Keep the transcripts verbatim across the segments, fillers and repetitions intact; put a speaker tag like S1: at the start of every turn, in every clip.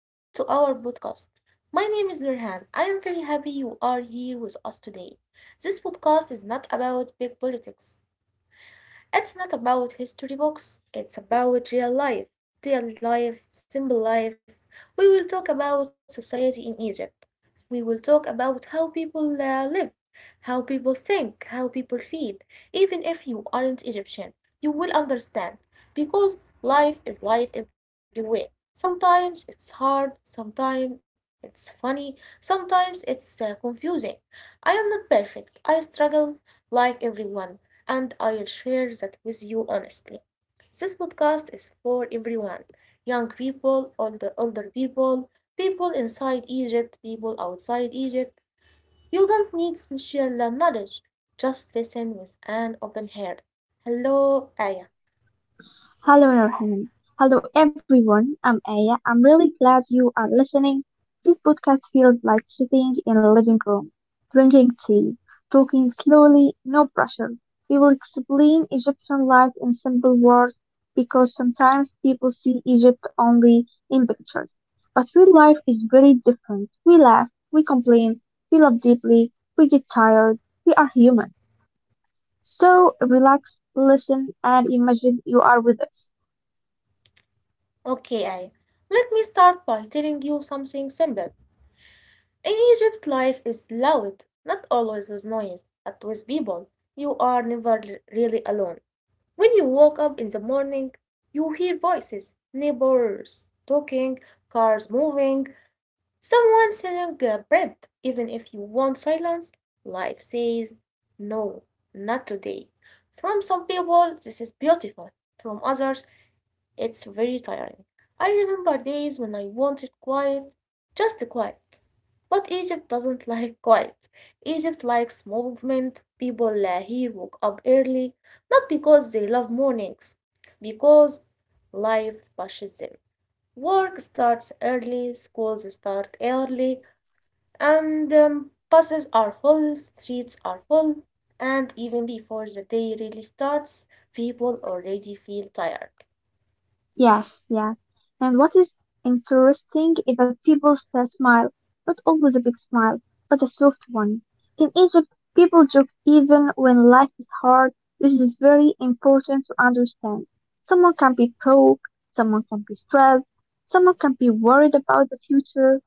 S1: welcome to our podcast. My name is Nurhan. I am very happy you are here with us today. This podcast is not about big politics. It's not about history books, it's about real life, daily life, simple life. We will talk about society in Egypt. We will talk about how people uh, live, how people think, how people feel. Even if you aren't Egyptian, you will understand because life is life everywhere. Sometimes it's hard, sometimes it's funny, sometimes it's uh, confusing. I am not perfect. I struggle like everyone and I'll share that with you honestly. This podcast is for everyone, young people, older, older people, people inside Egypt, people outside Egypt. You don't need special uh, knowledge, just listen with an open heart. Hello, Aya.
S2: Hello, everyone. Hello, everyone. I'm Aya. I'm really glad you are listening. This podcast feels like sitting in a living room, drinking tea, talking slowly, no pressure. We will explain Egyptian life in simple words because sometimes people see Egypt only in pictures. But real life is very different. We laugh, we complain, we love deeply, we get tired, we are human. So relax, listen, and imagine you are with us.
S1: Okay, Aya. Let me start by telling you something simple. In Egypt, life is loud, not always with noise, but with people. You are never really alone. When you wake up in the morning, you hear voices, neighbors talking, cars moving, someone selling uh, bread. Even if you want silence, life says, no, not today. From some people, this is beautiful. From others, it's very tiring. I remember days when I wanted quiet, just quiet. But Egypt doesn't like quiet. Egypt likes movement. People uh, here woke up early, not because they love mornings, because life pushes them. Work starts early, schools start early, and um, buses are full, streets are full, and even before the day really starts, people already feel tired.
S2: Yes, yes. And what is interesting is that people still smile, not always a big smile, but a soft one. In Egypt, people joke even when life is hard. This is very important to understand. Someone can be broke, someone can be stressed, someone can be worried about the future,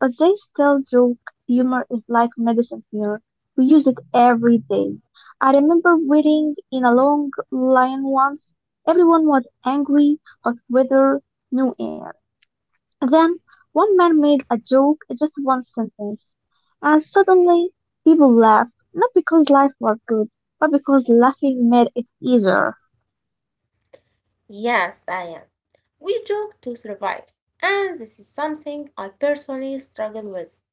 S2: but they still joke. Humor is like medicine here. We use it every day. I remember waiting in a long line once. Everyone was angry, of whether new air. Then one man made a joke, just one sentence, and suddenly people laughed, not because life was good, but because laughing made it easier.
S1: Yes, I am. We joke to survive, and this is something I personally struggle with.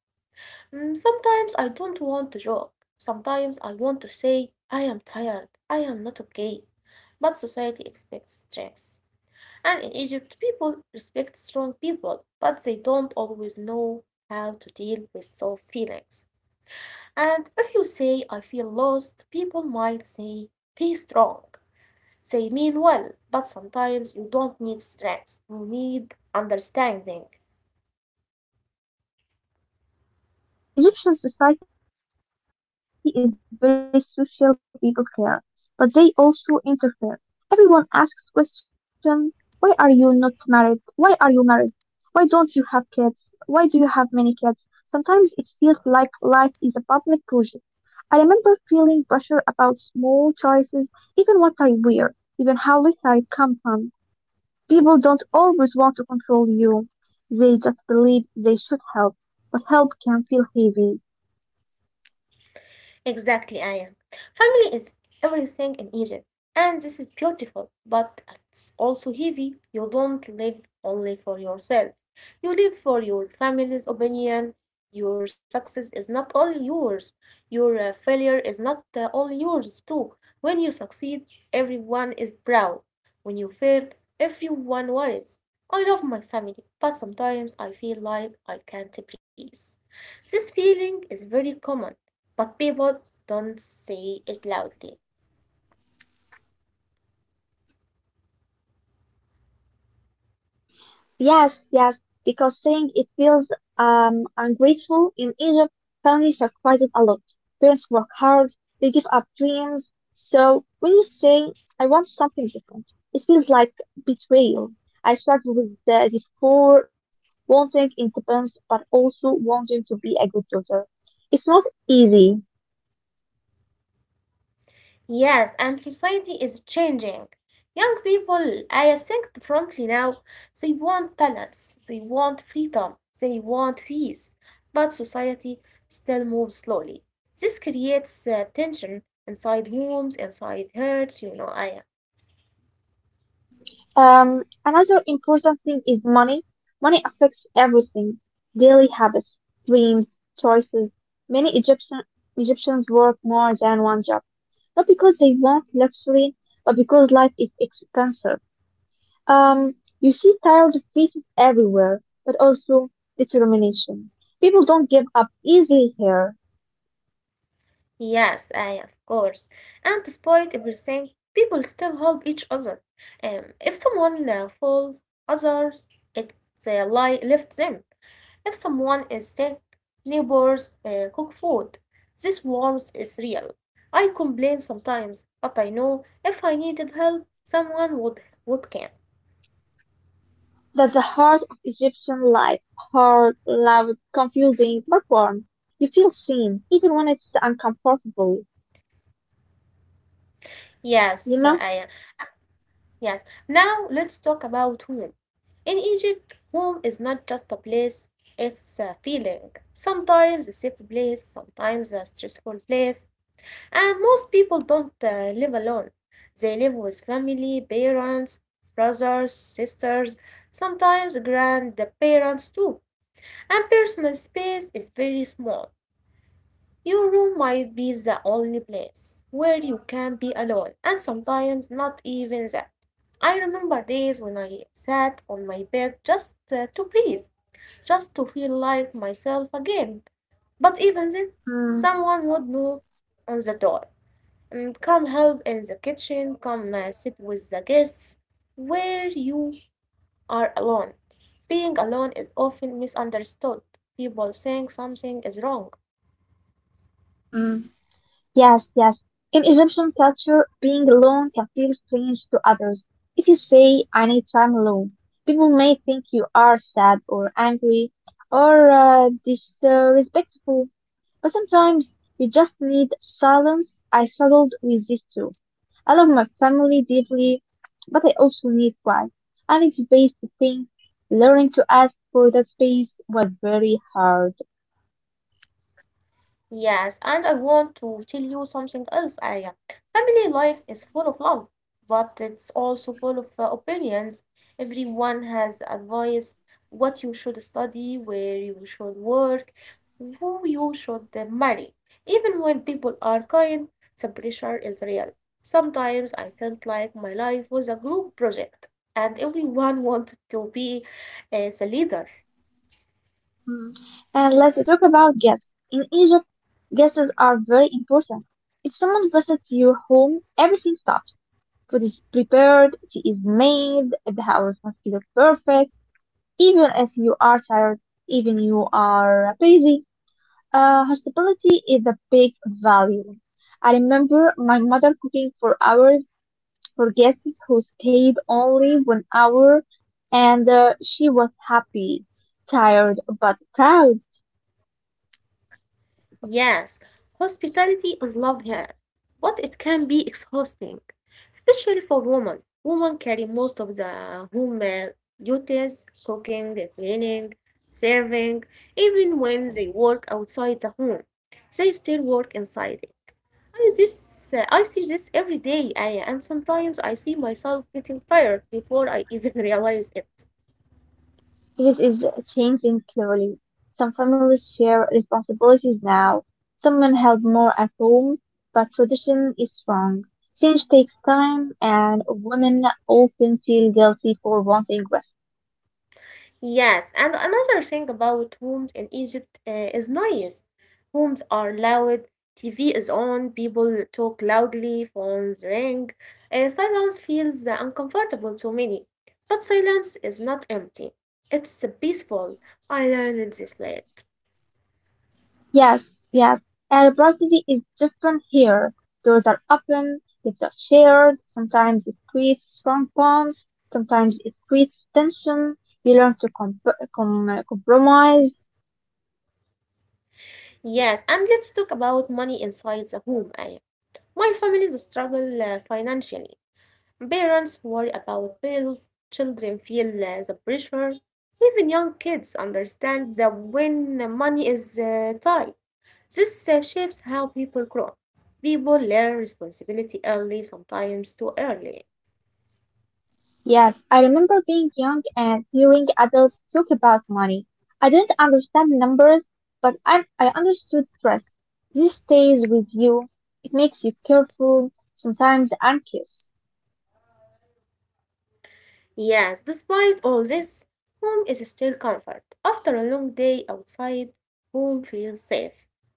S1: Mm, Sometimes I don't want to joke. Sometimes I want to say, I am tired, I am not okay. But society expects strength. And in Egypt, people respect strong people, but they don't always know how to deal with soft feelings. And if you say, I feel lost, people might say, be strong. They mean well, but sometimes you don't need strength, you need understanding.
S2: Mm, that's true. Egyptian society is very social, people care, but they also interfere. Everyone asks questions. Why are you not married? Why are you married? Why don't you have kids? Why do you have many kids? Sometimes it feels like life is a public project. I remember feeling pressure about small choices, even what I wear, even how little I come from. People don't always want to control you, they just believe they should help, but help can feel heavy.
S1: Exactly, Aya. Family is everything in Egypt, and this is beautiful, but it's also heavy. You don't live only for yourself, you live for your family's opinion. Your success is not only yours, your uh, failure is not uh, only yours, too. When you succeed, everyone is proud. When you fail, everyone worries. I love my family, but sometimes I feel like I can't breathe. This feeling is very common but people don't say it loudly.
S2: Yes, yes, because saying it feels um ungrateful. In Egypt, families sacrifices a lot. Parents work hard, they give up dreams. So when you say, I want something different, it feels like betrayal. I struggled with the, these four years, wanting independence, but also wanting to be a good daughter. It's not easy.
S1: Yes, and society is changing. Young people, I think differently now, they want balance, they want freedom, they want peace, but society still moves slowly. This creates uh, tension inside homes, inside hearts, you know, Aya.
S2: Um, another important thing is money. Money affects everything. Daily habits, dreams, choices. Many Egyptian Egyptians work more than one job, not because they want luxury, but because life is expensive. Um, you see tired faces everywhere, but also determination. People don't give up easily here.
S1: Yes, I of course. And despite everything, people still help each other. Um, if someone uh, falls, others if they lie lift them. If someone is sick, neighbors uh, cook food. This warmth is real. I complain sometimes, but I know if I needed help, someone would would come.
S2: That's the heart of Egyptian life. Hard, loud, confusing, but warm. You feel seen, even when it's uncomfortable. You
S1: Yes,
S2: know?
S1: I am. Yes, now let's talk about home. In Egypt, home is not just a place, it's a feeling. Sometimes a safe place, sometimes a stressful place, and most people don't uh, live alone. They live with family, parents, brothers, sisters, sometimes grandparents too. And personal space is very small. Your room might be the only place where you can be alone, and sometimes not even that. I remember days when I sat on my bed just uh, to breathe, just to feel like myself again. But even then,
S2: Mm,
S1: someone would knock on the door. And come help in the kitchen, come uh, sit with the guests, where you are alone. Being alone is often misunderstood. People think something is wrong.
S2: mm, yes, yes. In Egyptian culture, being alone can feel strange to others. If you say, I need time alone, people may think you are sad or angry or uh, disrespectful. But sometimes you just need silence. I struggled with this too. I love my family deeply, but I also need quiet. I need space to think. Learning to ask for that space was very hard.
S1: Yes, and I want to tell you something else, Aya. Family life is full of love, but it's also full of uh, opinions. Everyone has advice, what you should study, where you should work, who you should uh, marry. Even when people are kind, the pressure is real. Sometimes I felt like my life was a group project, and everyone wanted to be uh, the leader.
S2: Mm. And let's talk about guests. In Egypt, guests are very important. If someone visits your home, everything stops. Food is prepared, tea is made, the house must look perfect, even if you are tired, even you are busy. Uh, hospitality is a big value. I remember my mother cooking for hours for guests who stayed only one hour, and uh, she was happy, tired, but proud.
S1: Yes, hospitality is love here, but it can be exhausting, especially for women. Women carry most of the home uh, duties, cooking, cleaning, serving, even when they work outside the home, they still work inside it. I, this, uh, I see this every day, I, and sometimes I see myself getting tired before I even realize it.
S2: This is changing slowly. Some families share responsibilities now. Some men help more at home, but tradition is strong. Change takes time, and women often feel guilty for wanting rest.
S1: Yes, and another thing about homes in Egypt uh, is noise. Homes are loud, T V is on, people talk loudly, phones ring. Uh, silence feels uh, uncomfortable to many, but silence is not empty. It's peaceful. I learned this late.
S2: Yes, yes, and privacy is different here. Doors are open, lives are shared. Sometimes it creates strong bonds, sometimes it creates tension. You learn to comp- com- compromise.
S1: Yes, and let's talk about money inside the home, Aya. My family's struggle uh, financially. Parents worry about bills, children feel uh, the pressure, even young kids understand that when the money is uh, tight. This uh, shapes how people grow. People learn responsibility early, sometimes too early.
S2: Yes, I remember being young and hearing adults talk about money. I didn't understand numbers, but I, I understood stress. This stays with you. It makes you careful, sometimes anxious.
S1: Yes, despite all this, home is still comfort. After a long day outside, home feels safe,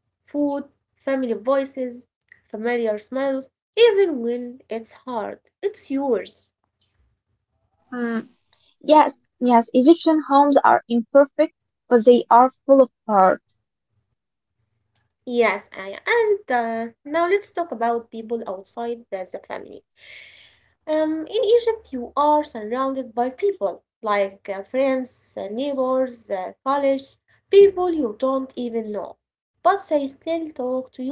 S1: food, family voices, familiar smells, even when it's hard, it's yours.
S2: Mm, yes, yes, Egyptian homes are imperfect, but they are full of heart.
S1: Yes, I and uh, now let's talk about people outside the, the family. Um, in Egypt, you are surrounded by people like uh, friends, uh, neighbors, uh, colleagues, people you don't even know, but they still talk to you.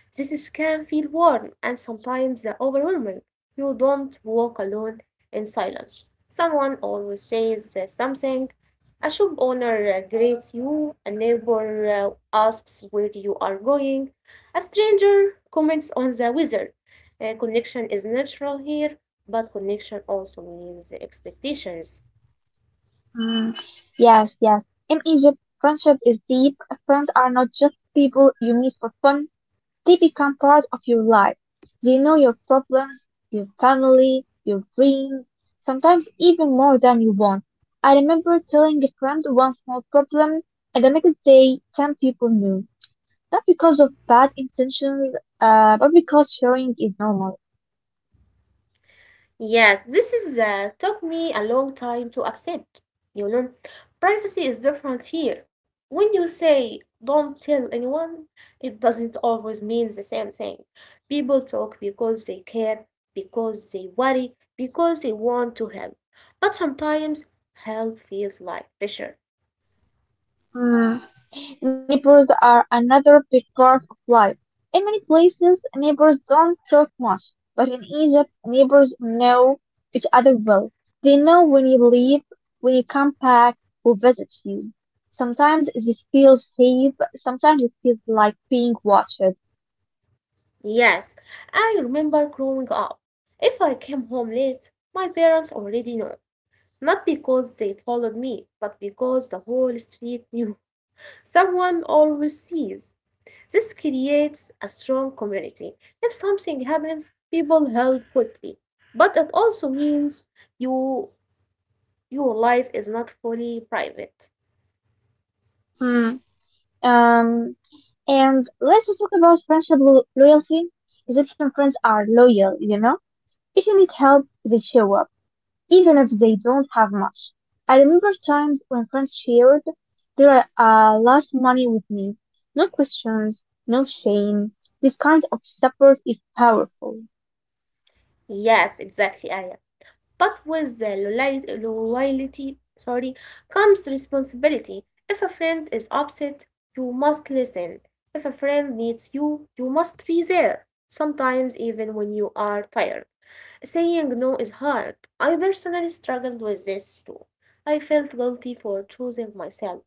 S1: This is- can feel warm and sometimes overwhelming. You don't walk alone in silence. Someone always says uh, something. A shop owner uh, greets you, a neighbor uh, asks where you are going, a stranger comments on the weather. Uh, connection is natural here, but connection also means expectations.
S2: Mm, yes, yes. In Egypt, friendship is deep. Friends are not just people you meet for fun. They become part of your life. They know your problems, your family, your dreams, sometimes even more than you want. I remember telling a friend one small problem, and the next day, ten people knew. Not because of bad intentions, uh, but because sharing is normal.
S1: Yes, this is uh, took me a long time to accept. You know, privacy is different here. When you say don't tell anyone, it doesn't always mean the same thing. People talk because they care, because they worry, because they want to help. But sometimes help feels like pressure.
S2: Neighbors are another big part of life. In many places, neighbors don't talk much, but in Egypt, neighbors know each other well. They know when you leave, when you come back, who visits you. Sometimes this feels safe, sometimes it feels like being watched.
S1: Yes, I remember growing up. If I came home late, my parents already know. Not because they followed me, but because the whole street knew. Someone always sees. This creates a strong community. If something happens, people help quickly. But it also means you your life is not fully private.
S2: Hmm. Um, and let's talk about friendship lo- loyalty. Egyptian friends are loyal, you know? If you need help, they show up, even if they don't have much. I remember times when friends shared their uh, last money with me. No questions, no shame. This kind of support is powerful.
S1: Yes, exactly, Aya. But with the loyalty, loyalty sorry, comes responsibility. If a friend is upset, you must listen. If a friend needs you, you must be there. Sometimes even when you are tired. Saying no is hard. I personally struggled with this too. I felt guilty for choosing myself.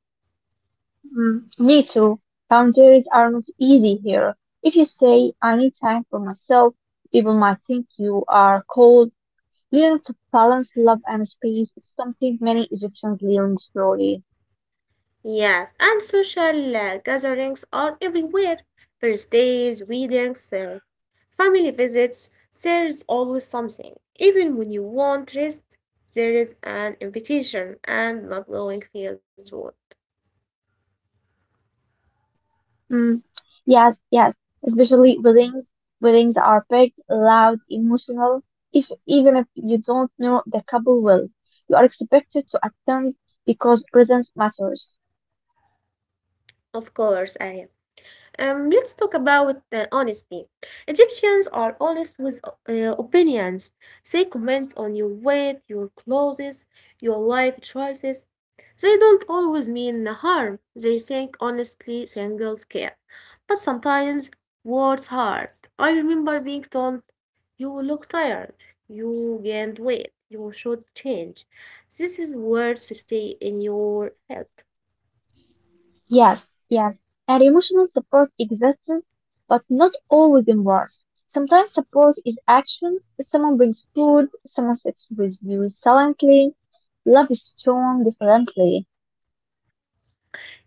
S2: Mm, me too. Boundaries are not easy here. If you say, I need time for myself, people might think you are cold. Learning to balance love and space is something many Egyptians learn slowly.
S1: Yes, and social uh, gatherings are everywhere, birthdays, weddings, uh, family visits. There's always something. Even when you want rest, there is an invitation, and not going feels rude.
S2: Mm, yes, yes. Especially weddings. Weddings are big, loud, emotional. If even if you don't know the couple well, you are expected to attend because presence matters.
S1: Of course, I am. Um, let's talk about uh, honesty. Egyptians are honest with uh, opinions. They comment on your weight, your clothes, your life choices. They don't always mean harm. They think honestly singles care. But sometimes words hurt. I remember being told, you look tired. You gained weight. You should change. This is words stay in your head.
S2: Yes, yes. And emotional support exists, but not always in words. Sometimes support is action. Someone brings food. Someone sits with you silently. Love is shown differently.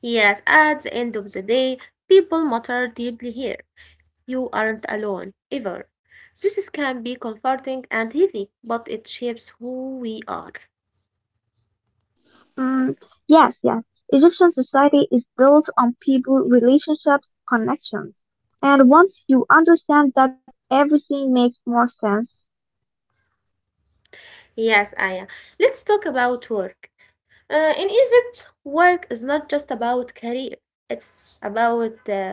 S1: Yes, at the end of the day, people matter deeply here. You aren't alone, ever. This can be comforting and heavy, but it shapes who we are.
S2: Mm, yes, yes. Egyptian society is built on people, relationships, connections. And once you understand that, everything makes more sense.
S1: Yes, Aya. Let's talk about work. Uh, in Egypt, work is not just about career. It's about uh,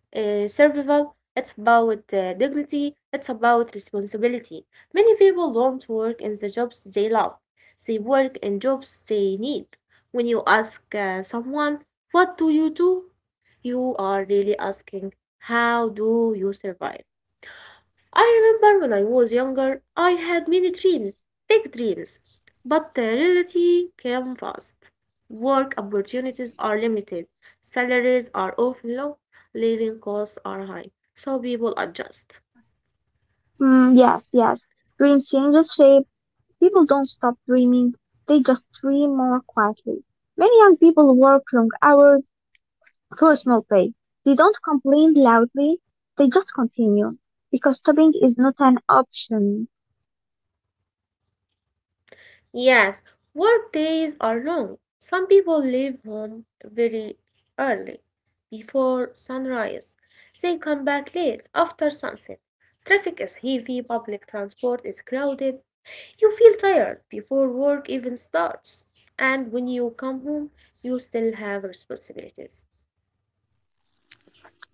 S1: uh, survival, it's about uh, dignity, it's about responsibility. Many people don't work in the jobs they love, they work in jobs they need. When you ask uh, someone, what do you do? You are really asking, how do you survive? I remember when I was younger, I had many dreams, big dreams, but the reality came fast. Work opportunities are limited, salaries are often low, living costs are high, so people adjust.
S2: Yeah. Mm, yes, yes. Dreams changes shape. People don't stop dreaming. They just dream more quietly. Many young people work long hours for small pay. They don't complain loudly. They just continue because stopping is not an option.
S1: Yes, work days are long. Some people leave home very early, before sunrise. They come back late, after sunset. Traffic is heavy, public transport is crowded. You feel tired before work even starts. And when you come home, you still have responsibilities.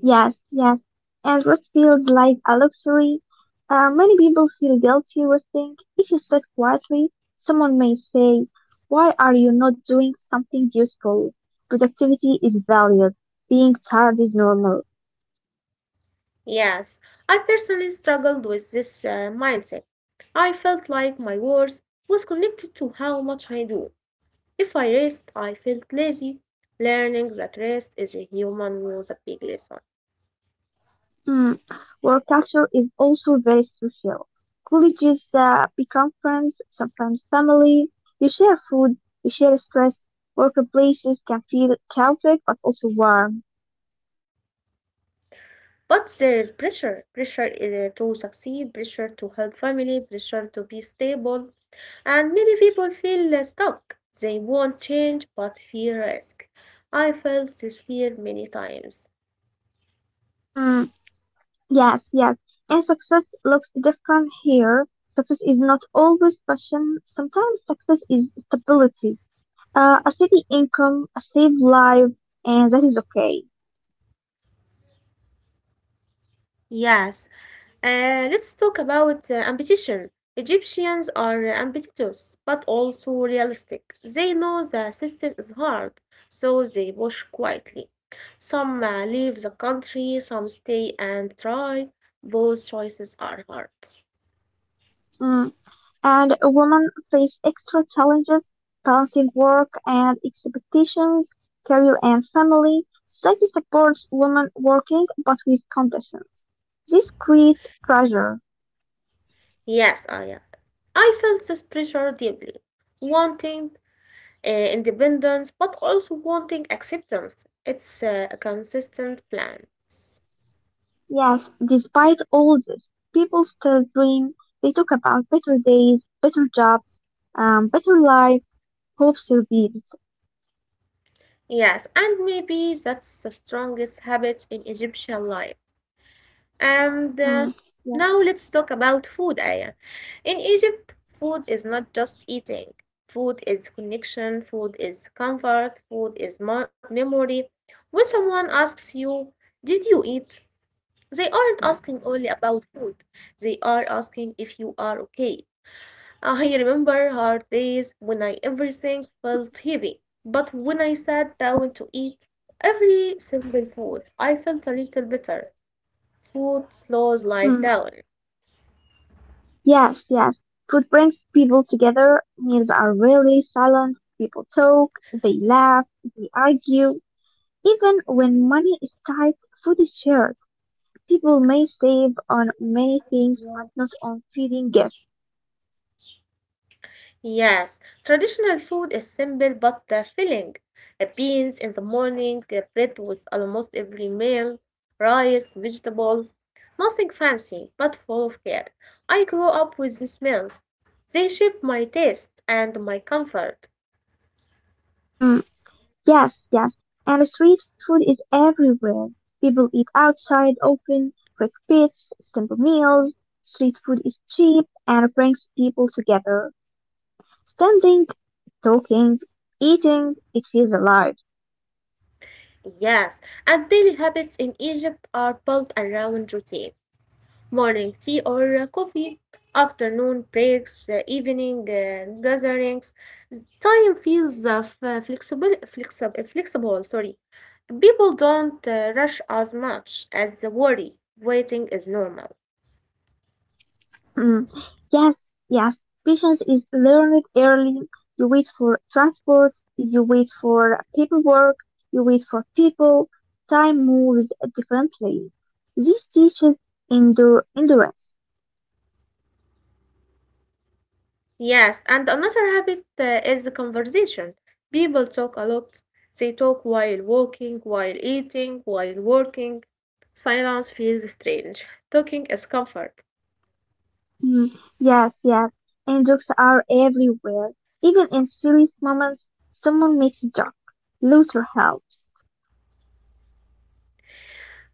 S2: Yes, yes. And rest feels like a luxury. Uh, many people feel guilty resting. If you sit quietly, someone may say, Why are you not doing something useful? Productivity is valued. Being tired is normal.
S1: Yes, I personally struggled with this uh, mindset. I felt like my worth was connected to how much I do. If I rest, I felt lazy. Learning that rest is a human was a big lesson.
S2: Mm. Work culture is also very social. Colleagues uh, become friends, sometimes family. You share food, you share stress. Workplaces can feel chaotic but also warm.
S1: But there is pressure pressure uh, to succeed, pressure to help family, pressure to be stable. And many people feel uh, stuck. They want change but fear risk. I felt this fear many times.
S2: Mm. Yes, yes. And success looks different here. Success is not always passion. Sometimes success is stability, uh, a steady income, a safe life, and that is okay.
S1: Yes, uh, let's talk about uh, ambition. Egyptians are ambitious but also realistic. They know the system is hard, so they push quietly. Some uh, leave the country, some stay and try. Both choices are hard.
S2: Mm. And a woman face extra challenges, balancing work and expectations, career and family. Society supports women working, but with conditions. This creates pressure.
S1: Yes, Aya, I felt this pressure deeply, wanting uh, independence but also wanting acceptance. It's uh, a consistent plan.
S2: Yes. Despite all this, people still dream. They talk about better days, better jobs, um, better life. Hope survives.
S1: Yes, and maybe that's the strongest habit in Egyptian life. And uh,
S2: Mm, yeah.
S1: now let's talk about food, Aya. In Egypt, food is not just eating. Food is connection, food is comfort, food is mo- memory. When someone asks you, did you eat? They aren't asking only about food, they are asking if you are okay. I remember hard days when I everything felt heavy, but when I sat down to eat every simple food, I felt a little better. Food slows life
S2: Mm,
S1: down.
S2: yes, yes. Food brings people together. Meals are really silent. People talk, they laugh, they argue. Even when money is tight, food is shared. People may save on many things, but not on feeding guests.
S1: Yes, traditional food is simple but the filling. Uh, Beans in the morning, uh, bread with almost every meal, rice, vegetables, nothing fancy but full of care. I grew up with these meals. They shaped my taste and my comfort.
S2: Hmm. Yes, yes. And street food is everywhere. People eat outside often, quick bits, simple meals. Street food is cheap and brings people together. Standing, talking, eating, it feels alive.
S1: Yes, and daily habits in Egypt are built around routine. Morning tea or uh, coffee, afternoon breaks, uh, evening uh, gatherings. Time feels uh, f- flexible, flexible, flexible, sorry. People don't uh, rush as much as the worry. Waiting is normal.
S2: Mm. Yes, yes. Patience is learned early. You wait for transport, you wait for paperwork, you wait for people. Time moves differently. This teaches endure endurance.
S1: Yes, and another habit uh, is the conversation. People talk a lot. They talk while walking, while eating, while working. Silence feels strange. Talking is comfort.
S2: Mm, yes, yes. And jokes are everywhere. Even in serious moments, someone makes a joke. Laughter helps.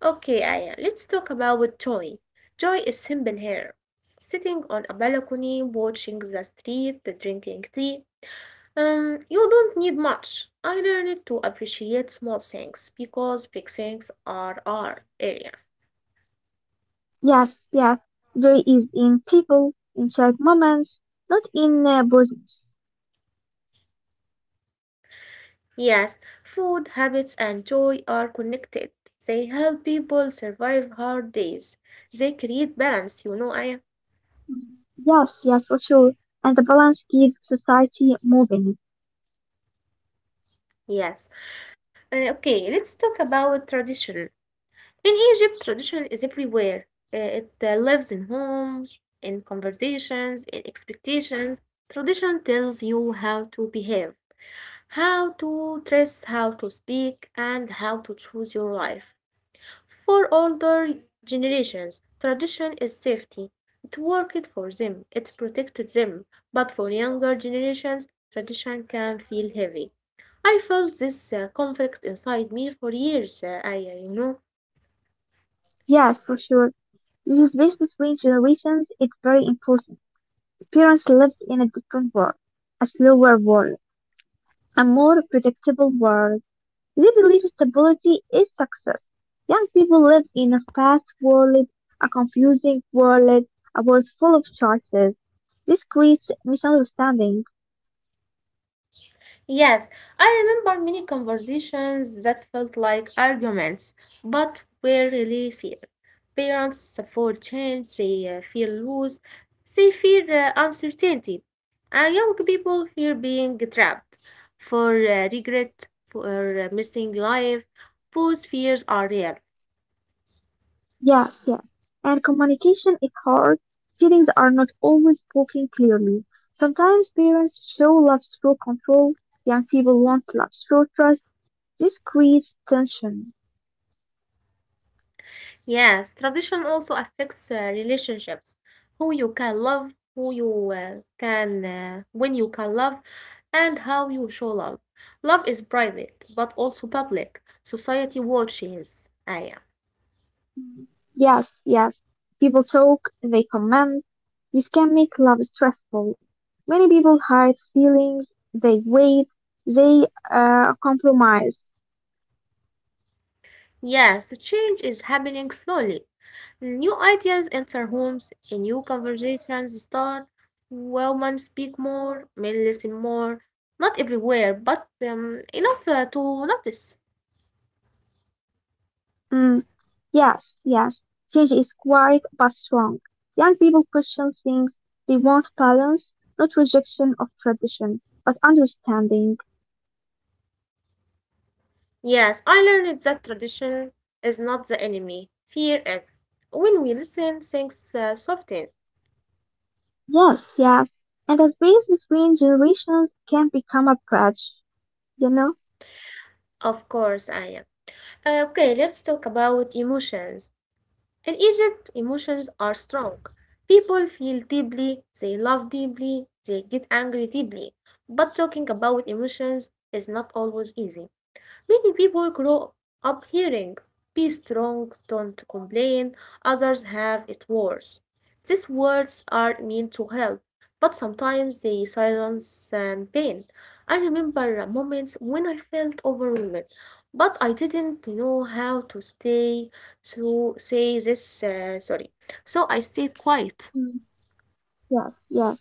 S1: Okay, Aya, let's talk about joy. Joy is simple here. Sitting on a balcony, watching the street, drinking tea. Um, you don't need much. I learned to appreciate small things because big things are our area.
S2: Yes, yes. Joy is in people, in shared moments, not in uh, business.
S1: Yes, food habits and joy are connected. They help people survive hard days. They create balance, you know, I—
S2: Yes, yes, for sure. And the balance keeps society moving.
S1: yes. Uh, okay, let's talk about tradition. In Egypt, tradition is everywhere. Uh, it uh, lives in homes, in conversations, in expectations. Tradition tells you how to behave, how to dress, how to speak, and how to choose your life. For older generations, tradition is safety. It worked for them, it protected them. But for younger generations, tradition can feel heavy. I felt this uh, conflict inside me for years, uh, Aya, you know.
S2: Yes, for sure. This space between generations is very important. Parents lived in a different world, a slower world, a more predictable world. They believe stability is success. Young people live in a fast world, a confusing world, a world full of choices. This creates misunderstanding.
S1: Yes, I remember many conversations that felt like arguments, but were really fair. Parents fear change, they uh, fear lose, they fear uh, uncertainty. And young people fear being trapped for uh, regret, for uh, missing life. Those fears are real.
S2: Yeah, yeah. And communication is hard. Feelings are not always spoken clearly. Sometimes parents show love through control. Young people want love through trust. This creates tension.
S1: Yes, tradition also affects uh, relationships. Who you can love, who you uh, can, uh, when you can love, and how you show love. Love is private, but also public. Society watches, Aya.
S2: Yes, yes. People talk, they comment. This can make love stressful. Many people hide feelings, they wait, they uh, compromise.
S1: Yes, the change is happening slowly. New ideas enter homes, and new conversations start. Women speak more, men listen more. Not everywhere, but um, enough uh, to notice.
S2: Mm, yes, yes. Change is quiet but strong. Young people question things, they want balance, not rejection of tradition, but understanding.
S1: Yes, I learned that tradition is not the enemy. Fear is. When we listen, things uh, soften.
S2: Yes, yes. And that space between generations can become a bridge, you know?
S1: Of course, I am. Uh, okay, let's talk about emotions. In Egypt, emotions are strong. People feel deeply, they love deeply, they get angry deeply. But talking about emotions is not always easy. Many people grow up hearing, be strong, don't complain, others have it worse. These words are meant to help, but sometimes they silence um, pain. I remember moments when I felt overwhelmed, but I didn't know how to stay, so say this, uh, sorry. So I stayed quiet.
S2: Mm, yes, yes.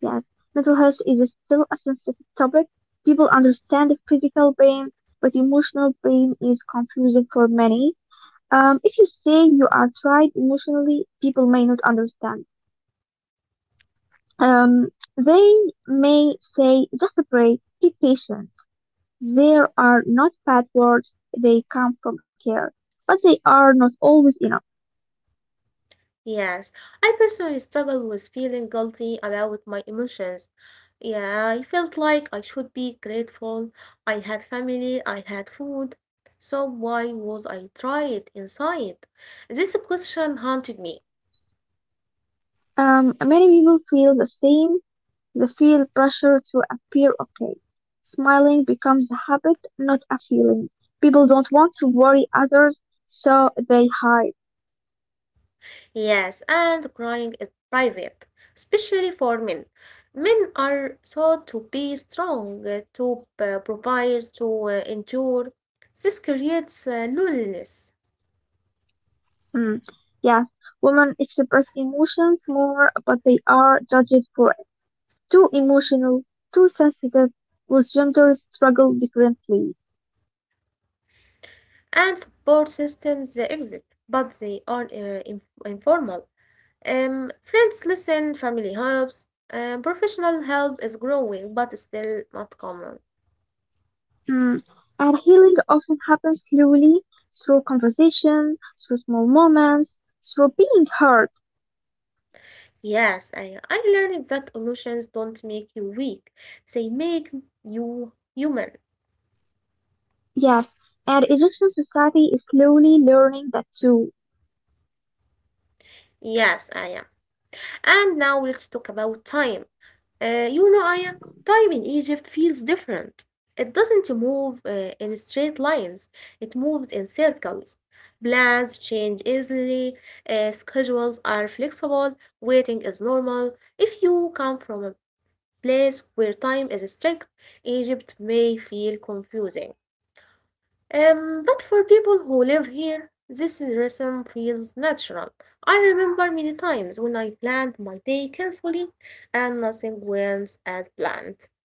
S2: Yes, mental health is still a sensitive topic. People understand the physical pain, but emotional pain is confusing for many. Um, if you say you are tried emotionally, people may not understand. Um, they may say, just a break, be patient. There are not bad words, they come from care, but they are not always enough.
S1: Yes, I personally struggle with feeling guilty about my emotions. Yeah, I felt like I should be grateful. I had family, I had food. So why was I tried inside? This question haunted me.
S2: Um, many people feel the same. They feel pressure to appear okay. Smiling becomes a habit, not a feeling. People don't want to worry others, so they hide.
S1: Yes, and crying is private, especially for men. Men are thought to be strong, uh, to uh, provide, to uh, endure. This creates uh, loneliness.
S2: Mm. Yes, women express emotions more, but they are judged for it. Too emotional, too sensitive, with genders struggle differently.
S1: And support systems uh, exist, but they are uh, inf- informal. Um, friends listen, family helps, uh, professional help is growing, but still not common.
S2: Mm. And healing often happens slowly through conversation, through small moments, through being heard.
S1: Yes, I, I learned that emotions don't make you weak, they make you human.
S2: Yes, and Egyptian society is slowly learning that too.
S1: Yes, I am. And now let's talk about time. Uh, you know, Aya, time in Egypt feels different. It doesn't move uh, in straight lines, it moves in circles. Plans change easily, uh, schedules are flexible, waiting is normal. If you come from a place where time is strict, Egypt may feel confusing. Um, but for people who live here, this rhythm feels natural. I remember many times when I planned my day carefully and nothing went as planned,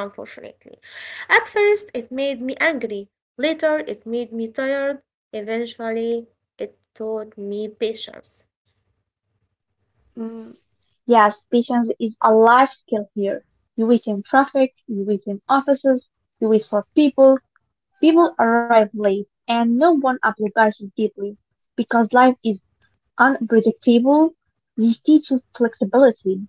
S1: unfortunately. At first, it made me angry. Later, it made me tired. Eventually, it taught me patience.
S2: Mm, yes, patience is a life skill here. You wait in traffic, you wait in offices, you wait for people, people arrive late, and no one apologizes deeply. Because life is unpredictable, this teaches flexibility.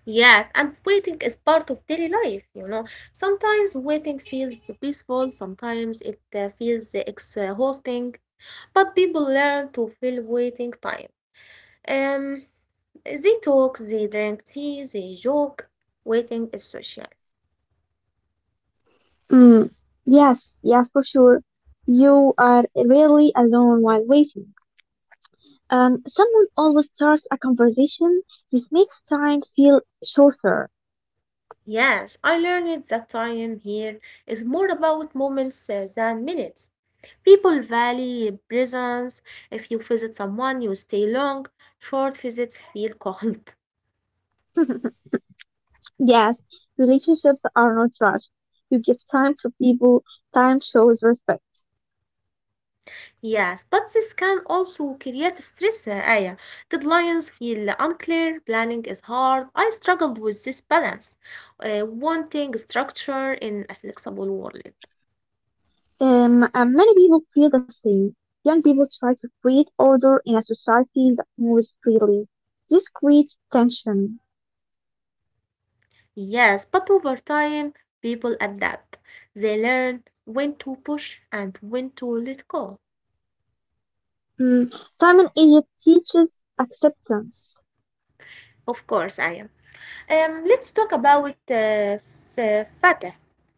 S1: Yes, and waiting is part of daily life, you know. Sometimes waiting feels peaceful, sometimes it uh, feels exhausting. But people learn to fill waiting time. Um, they talk, they drink tea, they joke. Waiting is social.
S2: Mm, yes, yes, for sure. You are really alone while waiting. Um, someone always starts a conversation. This makes time feel shorter.
S1: Yes, I learned that time here is more about moments uh, than minutes. People value presence. If you visit someone, you stay long. Short visits feel cold.
S2: Yes, relationships are not rushed. You give time to people. Time shows respect.
S1: Yes, but this can also create stress, uh, Aya. Deadlines feel unclear, planning is hard. I struggled with this balance, uh, wanting structure in a flexible world.
S2: Um, and many people feel the same. Young people try to create order in a society that moves freely. This creates tension.
S1: Yes, but over time, people adapt. They learn when to push and when to let go.
S2: Mm, Time in Egypt teaches acceptance.
S1: Of course, I am. Um, let's talk about uh, f- Fatah.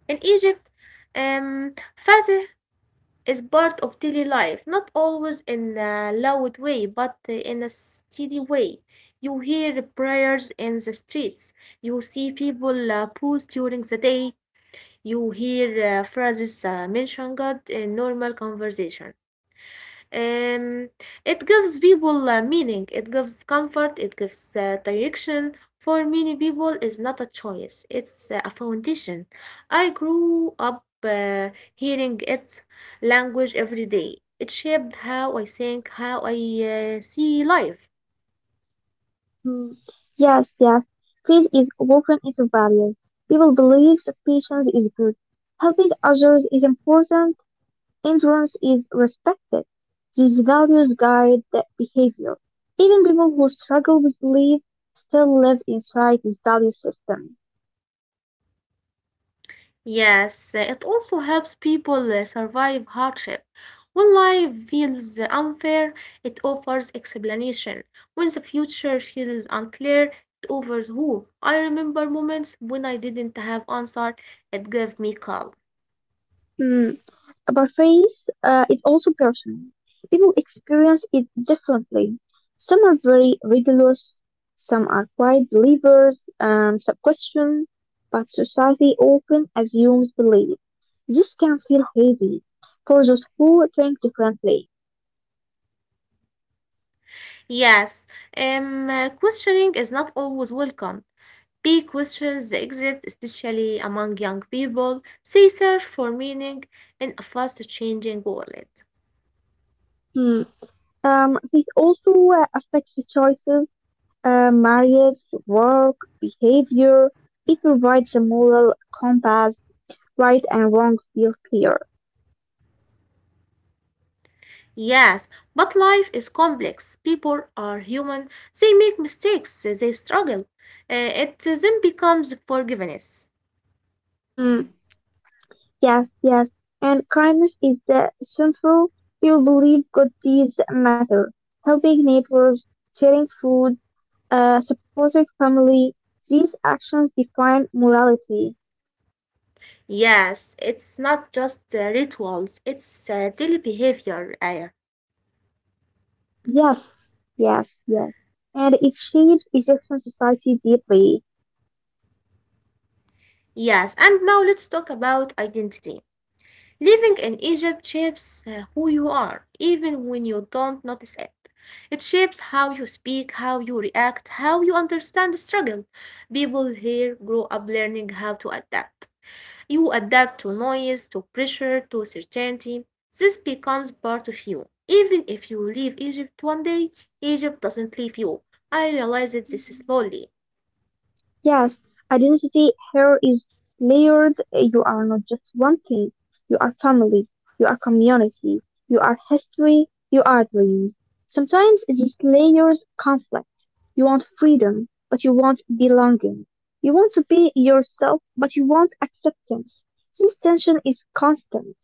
S1: In Egypt, um, Fatah is part of daily life, not always in a loud way, but uh, in a steady way. You hear prayers in the streets, you see people uh, pause during the day, you hear uh, phrases uh, mention God in normal conversation. Um, it gives people uh, meaning, it gives comfort, it gives uh, direction. For many people, it's not a choice, it's uh, a foundation. I grew up uh, hearing its language every day. It shaped how I think, how I uh, see life.
S2: Hmm. Yes, yes. Peace is woven into values. People believe that patience is good. Helping others is important. Endurance is respected. These values guide the behavior. Even people who struggle with belief still live inside this value system.
S1: Yes, it also helps people uh, survive hardship. When life feels unfair, it offers explanation. When the future feels unclear, it offers hope. I remember moments when I didn't have answer, it gave me calm.
S2: Hmm. About faith uh, is also personal. People experience it differently. Some are very rigorous, some are quiet believers, um, some question, but society often assumes belief. This can feel heavy for those who think differently.
S1: Yes, um, uh, questioning is not always welcome. Big questions exist, especially among young people. They search for meaning in a fast-changing world.
S2: Hmm. Um, it also uh, affects the choices, uh, marriage, work, behavior. It provides a moral compass, right and wrong feel clear.
S1: Yes, but life is complex. People are human. They make mistakes. They struggle. Uh, It then becomes forgiveness.
S2: Hmm. Yes, yes. And kindness is the central you believe good deeds matter. Helping neighbors, sharing food, uh, supporting family, these actions define morality.
S1: Yes, it's not just uh, rituals, it's uh, daily behavior, Aya.
S2: Yes, yes, yes. And it shapes Egyptian society deeply.
S1: Yes, and now let's talk about identity. Living in Egypt shapes uh, who you are, even when you don't notice it. It shapes how you speak, how you react, how you understand the struggle. People here grow up learning how to adapt. You adapt to noise, to pressure, to certainty. This becomes part of you. Even if you leave Egypt one day, Egypt doesn't leave you. I realized this slowly.
S2: Yes, identity here is layered. You are not just one thing. You are family. You are community. You are history. You are dreams. Sometimes these layers conflict. You want freedom, but you want belonging. You want to be yourself, but you want acceptance. This tension is constant.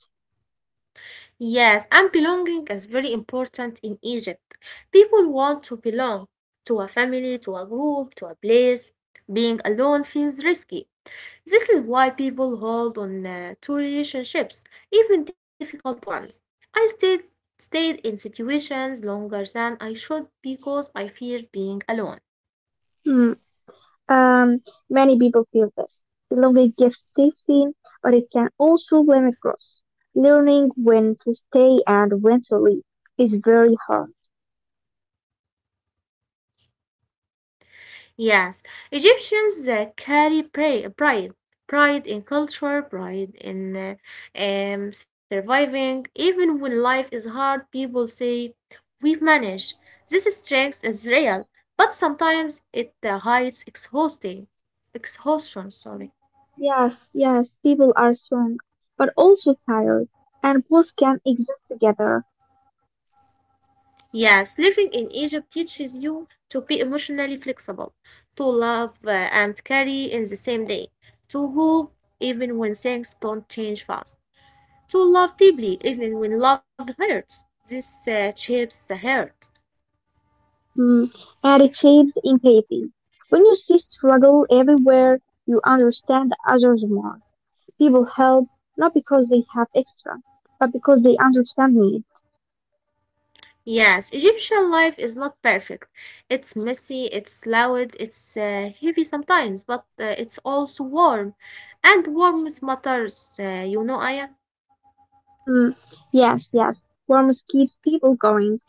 S1: Yes, and belonging is very important in Egypt. People want to belong to a family, to a group, to a place. Being alone feels risky. This is why people hold on uh, to relationships, even difficult ones. I stayed stayed in situations longer than I should because I feared being alone.
S2: Hmm. Um, Many people feel this. Belonging gives safety, but it can also limit growth. Learning when to stay and when to leave is very hard.
S1: Yes, Egyptians uh, carry pra- pride, pride in culture, pride in uh, um, surviving. Even when life is hard, people say, "We've managed." This strength is real, but sometimes it uh, hides exhausting, exhaustion. Sorry.
S2: Yes, yes, people are strong, but also tired, and both can exist together.
S1: Yes, living in Egypt teaches you to be emotionally flexible, to love uh, and carry in the same day, to hope even when things don't change fast, to love deeply even when love hurts. This uh, shapes the heart.
S2: Mm, and it shapes empathy. When you see struggle everywhere, you understand others more. People help not because they have extra, but because they understand me.
S1: Yes, Egyptian life is not perfect. It's messy, it's loud, it's uh, heavy sometimes, but uh, it's also warm. And warmth matters, uh, you know, Aya.
S2: Hmm. Yes, yes. Worms keeps people going.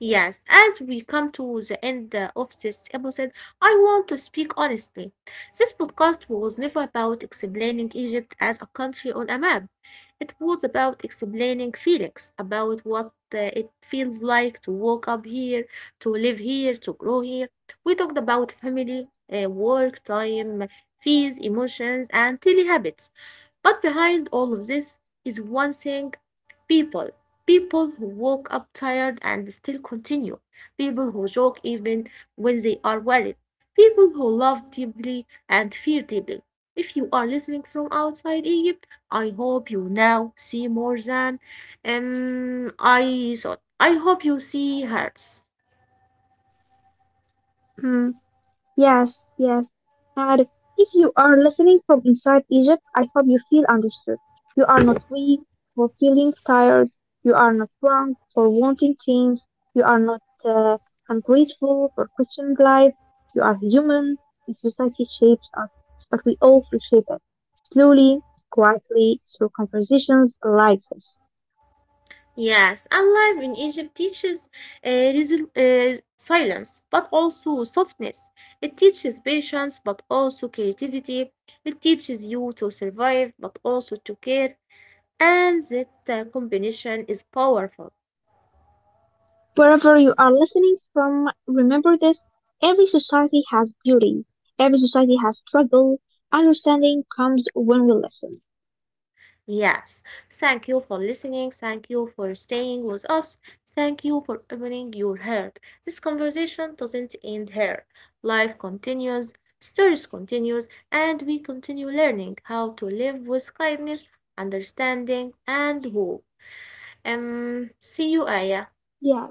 S1: Yes, as we come to the end uh, of this episode, I want to speak honestly. This podcast was never about explaining Egypt as a country on a map. It was about explaining Felix, about what uh, it feels like to walk up here, to live here, to grow here. We talked about family, uh, work, time, fees, emotions, and daily habits. But behind all of this is one thing. People, people who woke up tired and still continue. People who joke even when they are worried. People who love deeply and fear deeply. If you are listening from outside Egypt, I hope you now see more than um, I thought. I hope you see hearts.
S2: Hmm. Yes, yes. And if you are listening from inside Egypt, I hope you feel understood. You are not weak for feeling tired. You are not wrong for wanting change. You are not uh, ungrateful for questioning life. You are human. The society shapes us, but we all reshape it slowly, quietly, through conversations like this.
S1: Yes, and life in Egypt teaches uh, resil- uh, silence, but also softness. It teaches patience, but also creativity. It teaches you to survive, but also to care. And that uh, combination is powerful.
S2: Wherever you are listening from, remember this. Every society has beauty. Every society has struggle. Understanding comes when we listen.
S1: Yes, thank you for listening. Thank you for staying with us. Thank you for opening your heart. This conversation doesn't end here. Life continues, stories continues, and we continue learning how to live with kindness, understanding, and hope. Um, see you, Aya.
S2: Yeah.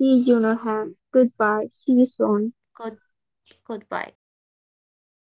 S2: See you, Nurhan. Goodbye. See you soon.
S1: Good, goodbye.